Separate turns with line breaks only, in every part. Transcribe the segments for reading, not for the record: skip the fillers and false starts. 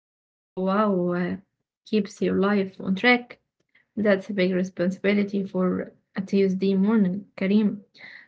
Wow, keeps your life on track. That's a big responsibility for a Tuesday morning, Karim.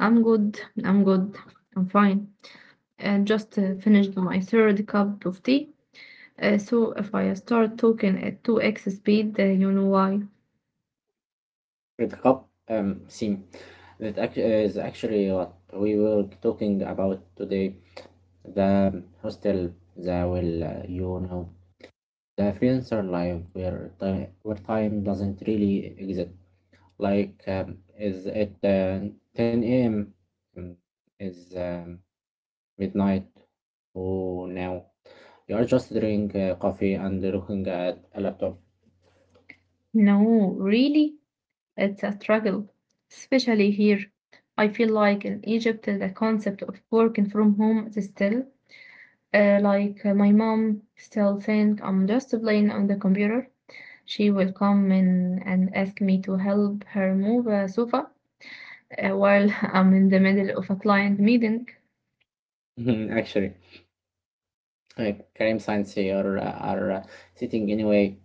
I'm good, I'm good, I'm fine. I just finished my third cup of tea. So if I start talking at 2x speed, you know why.
Red Cup theme is actually what we were talking about today. The hostel, the well, The freelancer life where time doesn't really exist. Is it 10 a.m.? Mm, Is midnight? Oh, now you are just drinking coffee and looking at a laptop.
No, really? It's a struggle, especially here. I feel like in Egypt, the concept of working from home is still. Like, my mom still think I'm just playing on the computer. She will come in and ask me to help her move a sofa while I'm in the middle of a client meeting.
Actually, crime science here are sitting anyway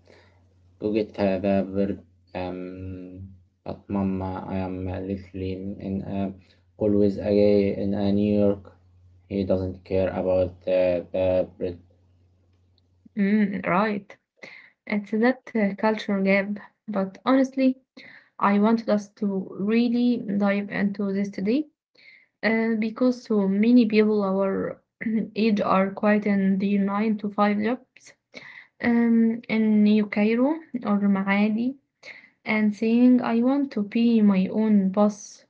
to get the bird. Um, but mama, I am literally in always a guy in a New York. He doesn't care about the bread.
Mm, right. It's that culture gap. But honestly, I wanted us to really dive into this today because so many people our age are quite in the nine to five jobs in New Cairo or Maadi and saying, I want to be my own boss.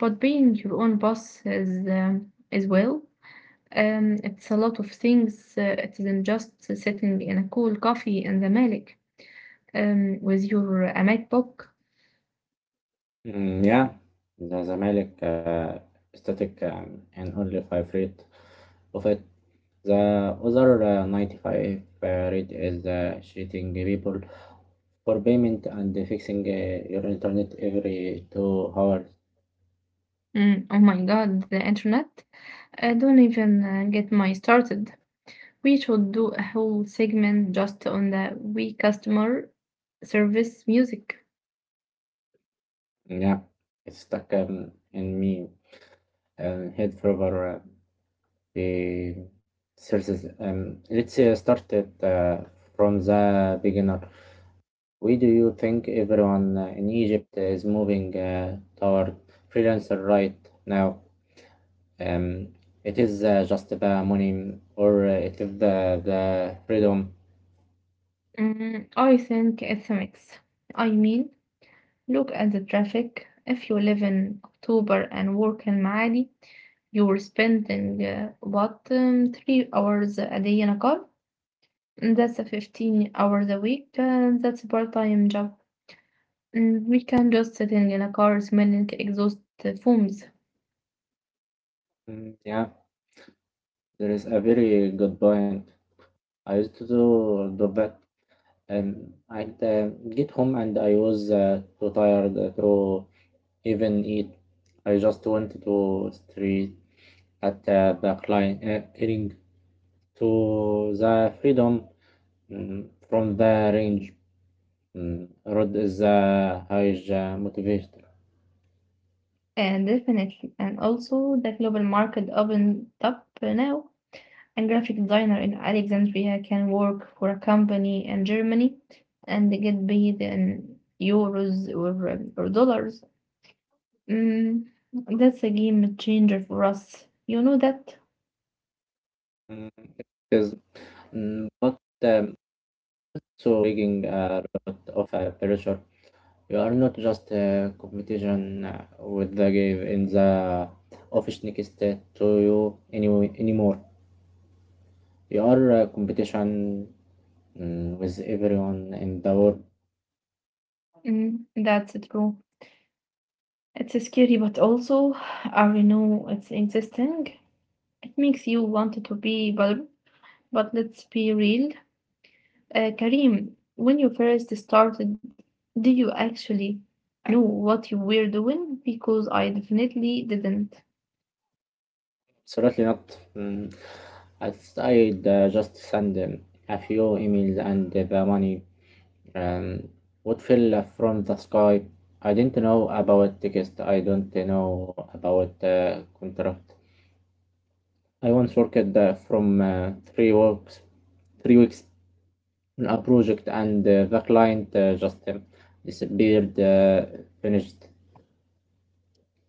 But being your own boss is as well. It's a lot of things. It isn't just sitting in a cool coffee in the Malik with your MacBook.
Mm, yeah, the Zamalek static and only five rate of it. The other 95 rate is cheating people for payment and fixing your internet every 2 hours.
Mm, oh my God, the internet. I don't even get my started. We should do a whole segment just on the we customer service music.
Yeah, it's stuck in me. And head further the sources. Let's start it from the beginner. Why do you think everyone in Egypt is moving toward freelancer right now? Um, it is just the money or it is the freedom.
Mm, I think it's a mix. I mean, look at the traffic. If you live in October and work in Maadi, you're spending what, 3 hours a day in a car. That's a 15 hours a week. That's a part-time job. Mm, we can just sitting in a car smelling exhaust fumes.
Mm, yeah, there is a very good point. I used to do that. I'd get home and I was too tired to even eat. I just went to street at the client heading to the freedom mm, from the range. Mm, Road is a huge motivator.
And definitely, and also the global market opened up now. A graphic designer in Alexandria can work for a company in Germany and get paid in euros or dollars. Mm, that's a game changer for us. You know that?
Mm, 'cause, mm, but so bringing a lot of pressure. You are not just a competition with the game in the office next to you anyway, anymore. You are a competition mm, with everyone in the world.
Mm, that's true. It's scary, but also, I know it's interesting. It makes you want to be valuable. But let's be real. Karim, when you first started, did you actually know what you were doing? Because I definitely didn't.
Absolutely not. Mm, as I just send a few emails and the money um, would fell from the sky. I didn't know about text. I don't know about contract. I once worked from 3 weeks. 3 weeks a project and the client just disappeared, finished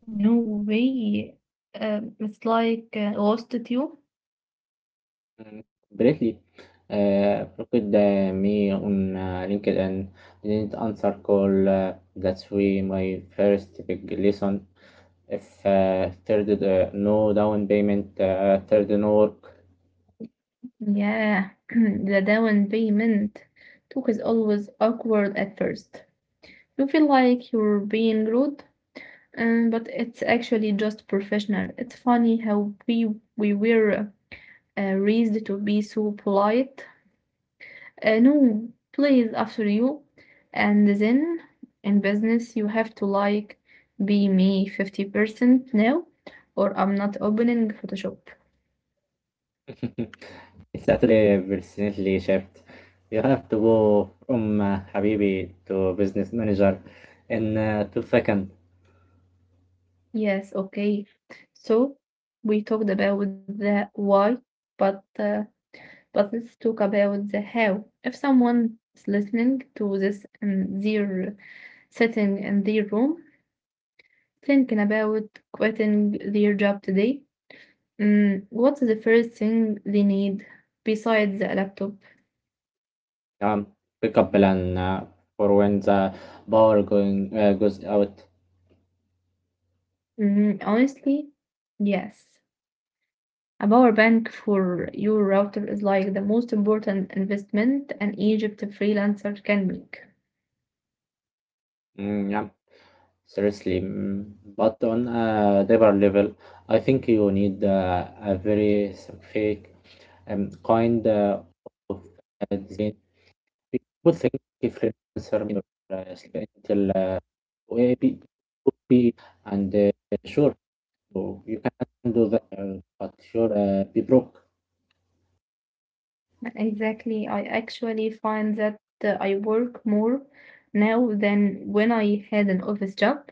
No way. It's like lost at you.
mm, completely. Approached me on LinkedIn, didn't answer call. That's way my first big lesson. If third no down payment, third no work,
Yeah, the down payment talk is always awkward at first. You feel like you're being rude, but it's actually just professional. It's funny how we were raised to be so polite. No, please, after you. And then in business, you have to like be me 50% now, or I'm not opening Photoshop.
it's actually personally shift. You have to go from Habibi to business manager in 2 seconds.
Yes, okay. So we talked about the why, but uh, but let's talk about the how. If someone is listening to this and they're sitting in their room thinking about quitting their job today, mm, what's the first thing they need besides a laptop?
Um, Pick up plan for when the power going goes out.
Mm, honestly, yes. A power bank for your router is like the most important investment an Egypt freelancer can make.
Mm, yeah, seriously. Mm, But on a deeper level, I think you need a very specific kind of design. People think different uh, until maybe could be and sure, so you can do that, but sure, be broke.
Exactly. I actually find that I work more now than when I had an office job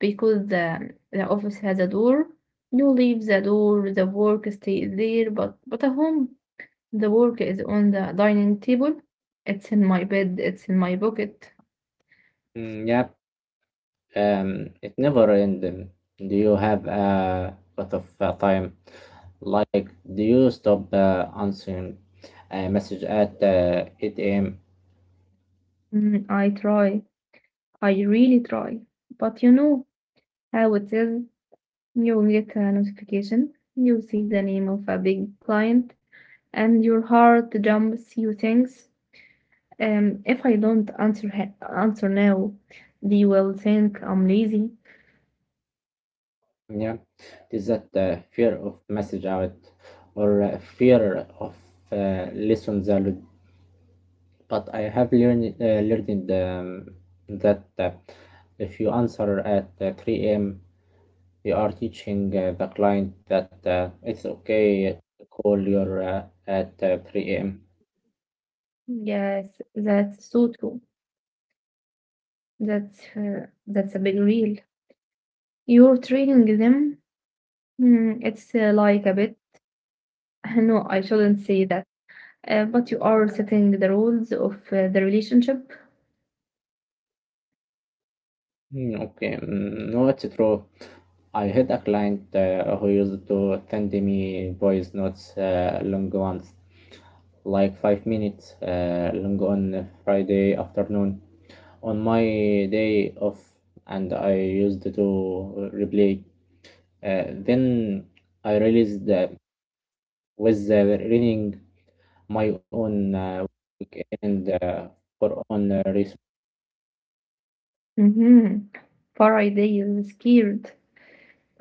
because the office has a door. You leave the door, the work stays there, but at home the work is on the dining table. It's in my bed. It's in my pocket.
Mm, yeah. It never ends. Do you have a lot of time? Like, do you stop answering a message at 8 a.m.?
Mm, I try. I really try. But you know how it is. You get a notification. You see the name of a big client, and your heart jumps. You think, if I don't answer now, they will think I'm lazy.
Yeah, is that fear of message out or fear of lessons are loud? But I have learned that if you answer at 3 a.m. you are teaching the client that it's okay to call your at 3 a.m.
Yes, that's so true. That's a big real. You're training them. Mm, it's like a bit. No, I shouldn't say that. But you are setting the rules of the relationship.
Mm, okay, mm, no, it's true. I had a client who used to send me voice notes, long ones, like 5 minutes long on Friday afternoon on my day off, and I used to replay. Then I realized that with the reading my own weekend for own resource.
Mm-hmm. Far ideal, scared.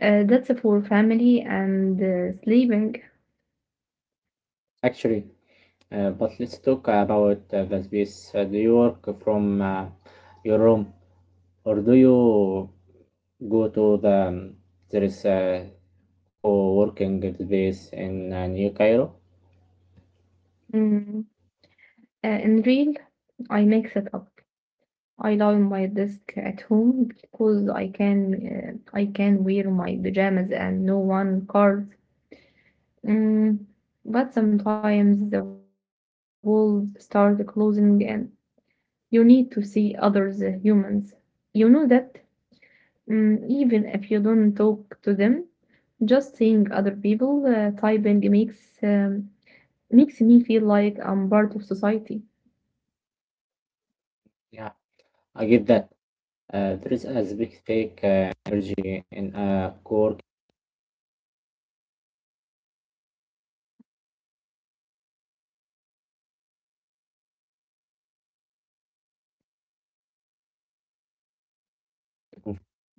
That's for family and sleeping.
Actually, but let's talk about the space. Do you work from your room, or do you go to the there is a co-working space in New Cairo?
Mm. In real, I mix it up. I lie on my desk at home because I can. I can wear my pajamas and no one cares. Mm. But sometimes the walls start closing and you need to see others humans. You know that? Mm, even if you don't talk to them, just seeing other people typing makes makes me feel like I'm part of society.
Yeah, I get that. There is a big fake energy in a co-working.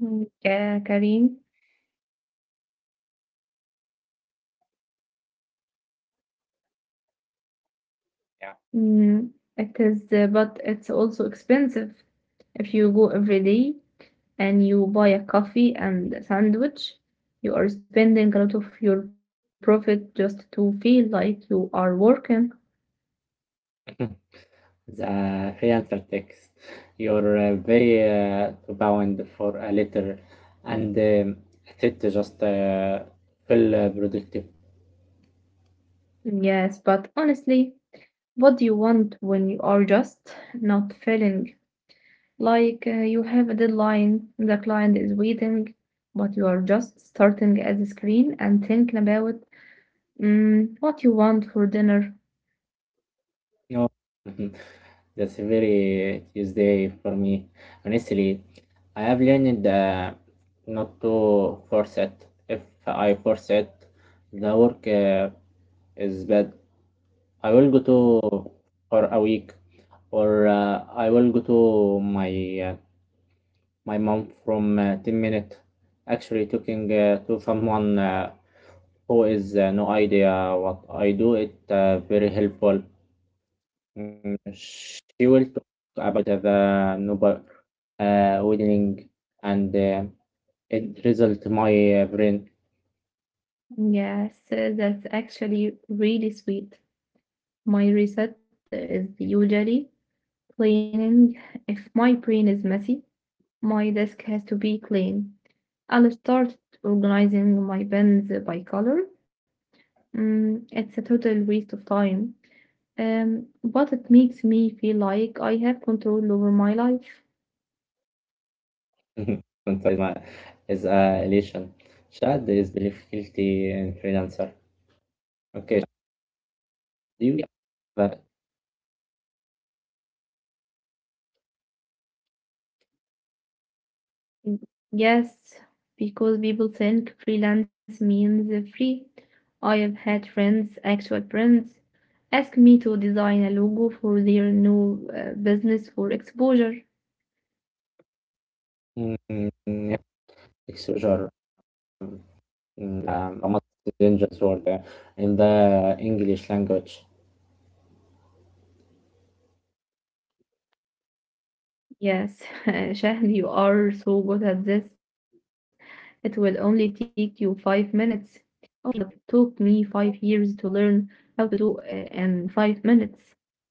Mm, Karim, mm, it is, but it's also expensive. If you go every day and you buy a coffee and a sandwich, you are spending a lot of your profit just to feel like you are working.
The answer text. You're very to bound for a letter and it just feel productive.
Yes, but honestly, what do you want when you are just not feeling? Like, you have a deadline, the client is waiting, but you are just starting at the screen and thinking about mm, what you want for dinner.
No, that's very Tuesday for me. Honestly, I have learned not to force it. If I force it, the work is bad. I will go to for a week, or I will go to my mom from 10 minutes actually talking to someone who is no idea what I do it very helpful. Mm, she will talk about the number wedding and it result my brain.
Yes, that's actually really sweet. My reset is usually cleaning. If my brain is messy, my desk has to be clean. I'll start organizing my pens by color. Mm, it's a total waste of time. But it makes me feel like I have control over my life.
Sometimes my- is elation. Shad is difficulty in freelancer. Okay, do you have
Mm, yes, because people think freelance means free. I have had friends, actual friends, ask me to design a logo for their new business for exposure.
mm, yeah, exposure. Mm, A dangerous word in the English language.
Yes, Shahd, you are so good at this. It will only take you 5 minutes. Okay, but it took me 5 years to learn how to do in 5 minutes.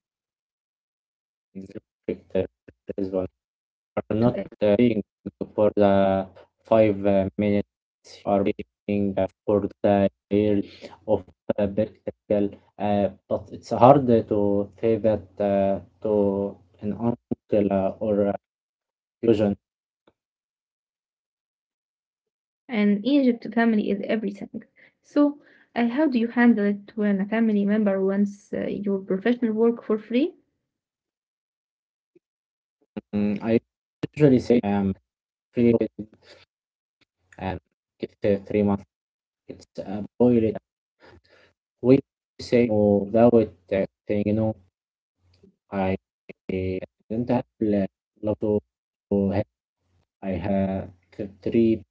It's a perfect, this one. Are not being for the five minutes. You are being for the year of practical. But it's hard to say that to an uncle or a fusion.
And Egypt family is everything. So, how do you handle it when a family member wants your professional work for free?
Mm, I usually say I'm free and it's 3 months. It's a boil we say oh that was that thing you know I didn't have a lot of help. I had three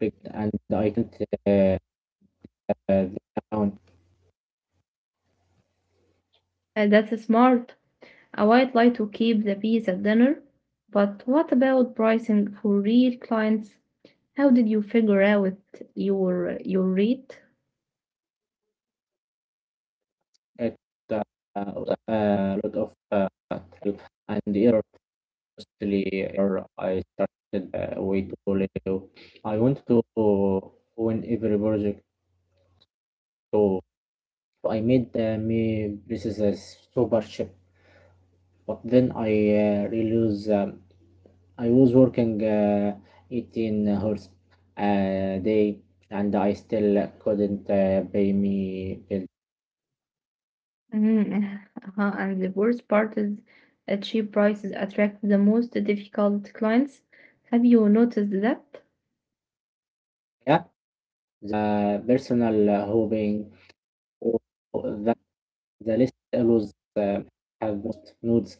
big and I didn't uh, uh, down
That's smart. I would like to keep the peace at dinner. But what about pricing for real clients? How did you figure out your rate?
at uh, uh, a lot of and error, mostly error. I started way too little. I want to win every project, so I made me this is a super ship. But then I realize I was working 18 hours a day and I still couldn't pay me bill.
Mm, uh-huh, and the worst part is cheap prices attract the most difficult clients. Have you noticed that?
Yeah, the personal hoping or the, the list always have most nodes.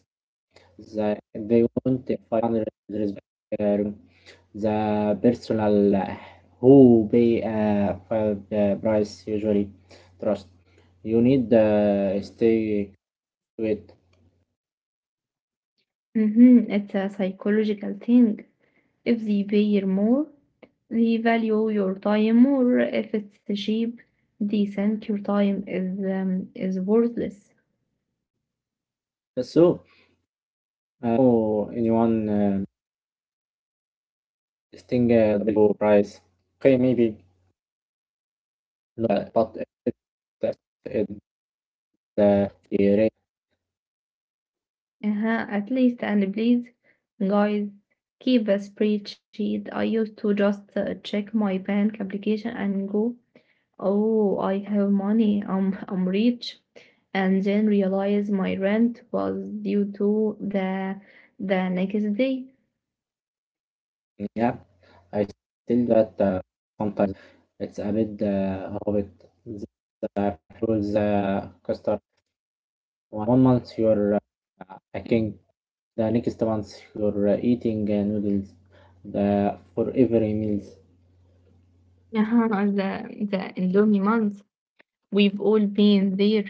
They want 500 res- um, the personal who pay five, price usually trust. You need stay with.
Mm-hmm. It's a psychological thing. If they pay more, they value your time more. If it's cheap, they think your time is worthless.
So, know anyone. This thing double price. Okay, maybe not, but it, that it the rating
Uh-huh, at least, and please, guys, keep a spreadsheet. I used to just check my bank application and go, oh, I have money. I'm rich, and then realize my rent was due to the next day.
app. I still that sometimes it's a bit of it. The fruits custard. One month you're hacking, the next month you're eating noodles. The for every meals.
Uh-huh, the endowment month. We've all been there.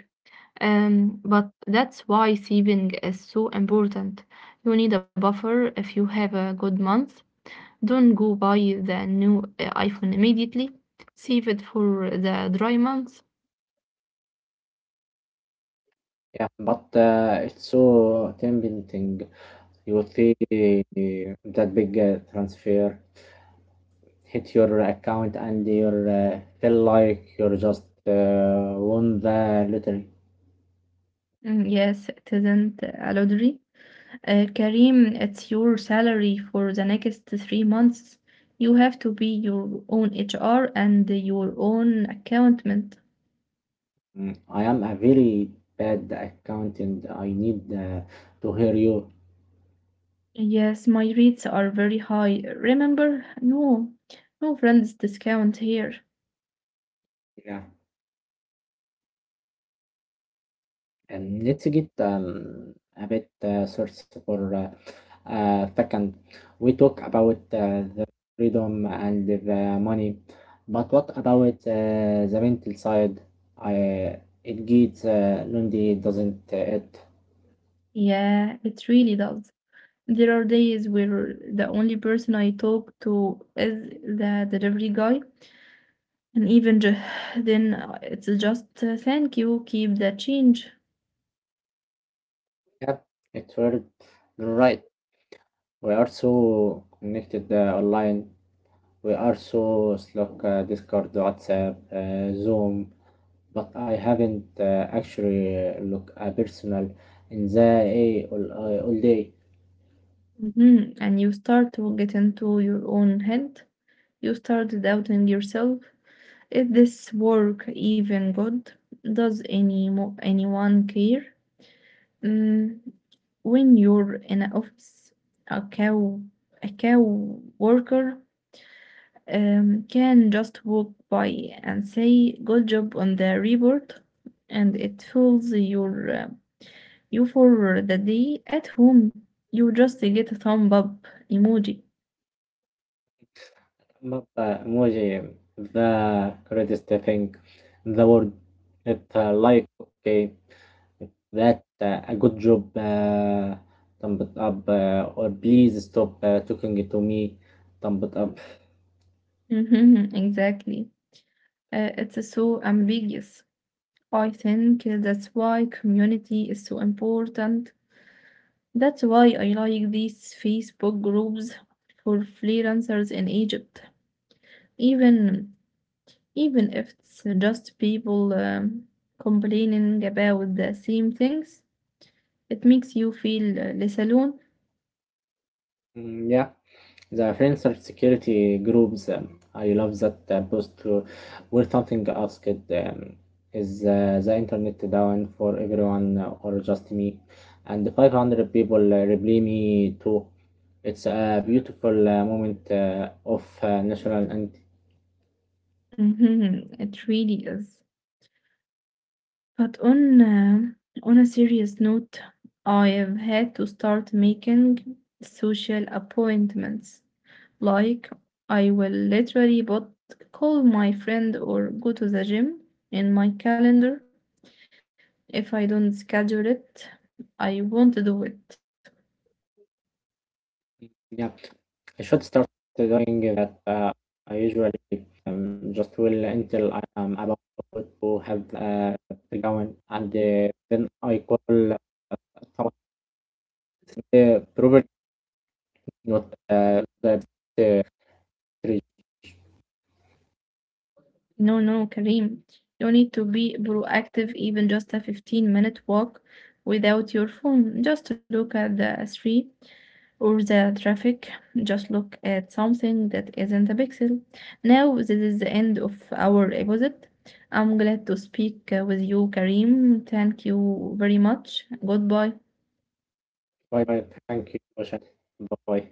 But that's why saving is so important. You need a buffer if you have a good month. Don't go buy the new iPhone immediately. Save it for the dry months.
Yeah, but it's so tempting. You see that big transfer hit your account and you feel like you just won the lottery.
Mm, yes, it isn't a lottery. Karim, it's your salary for the next 3 months. You have to be your own HR and your own accountant.
Mm. I am a very bad accountant. I need to hear you.
Yes, my rates are very high. Remember, no, no friends discount here.
Yeah, and let's get a bit search for second. We talk about the freedom and the money, but what about the mental side? I it gets lonely, doesn't it?
Yeah, it really does. There are days where the only person I talk to is the delivery guy, and even then it's just thank you, keep the change.
Yeah, it's weird. You're right. We are so connected online. We are so Slack, Discord, WhatsApp, Zoom. But I haven't actually looked personal in the A all day.
Hmm. And you start to get into your own head. You start doubting yourself. Is this work even good? Does anyone care? Mm, when you're in an office, a cow, a cow worker can just walk by and say good job on the report, and it fills your you for the day. At home you just get a thumb up emoji.
Map emoji, the greatest thing in the world. It like okay, that a good job. Thumb it up, or please stop talking to me. Thumb it up.
Mhm, exactly, it's so ambiguous. I think that's why community is so important. That's why I like these Facebook groups for freelancers in Egypt, even even if it's just people complaining about the same things, it makes you feel less alone.
Mm, yeah, the French cybersecurity groups. I love that post where something asked is the internet down for everyone or just me? And 500 people reply me too. It's a beautiful moment of national and
Mhm, it really is. But on a serious note, I have had to start making social appointments. Like I will literally but call my friend or go to the gym in my calendar. If I don't schedule it, I won't do it.
yeah, I should start doing that. I usually just will until I am about to have going and then I call. Eh, probably not. That uh, three.
No, no, Kareem. You need to be proactive, even just a 15-minute walk without your phone. Just look at the street or the traffic. Just look at something that isn't a pixel. Now, this is the end of our episode. I'm glad to speak with you, Kareem. Thank you very much. Goodbye.
Bye, bye. Thank you. Bye.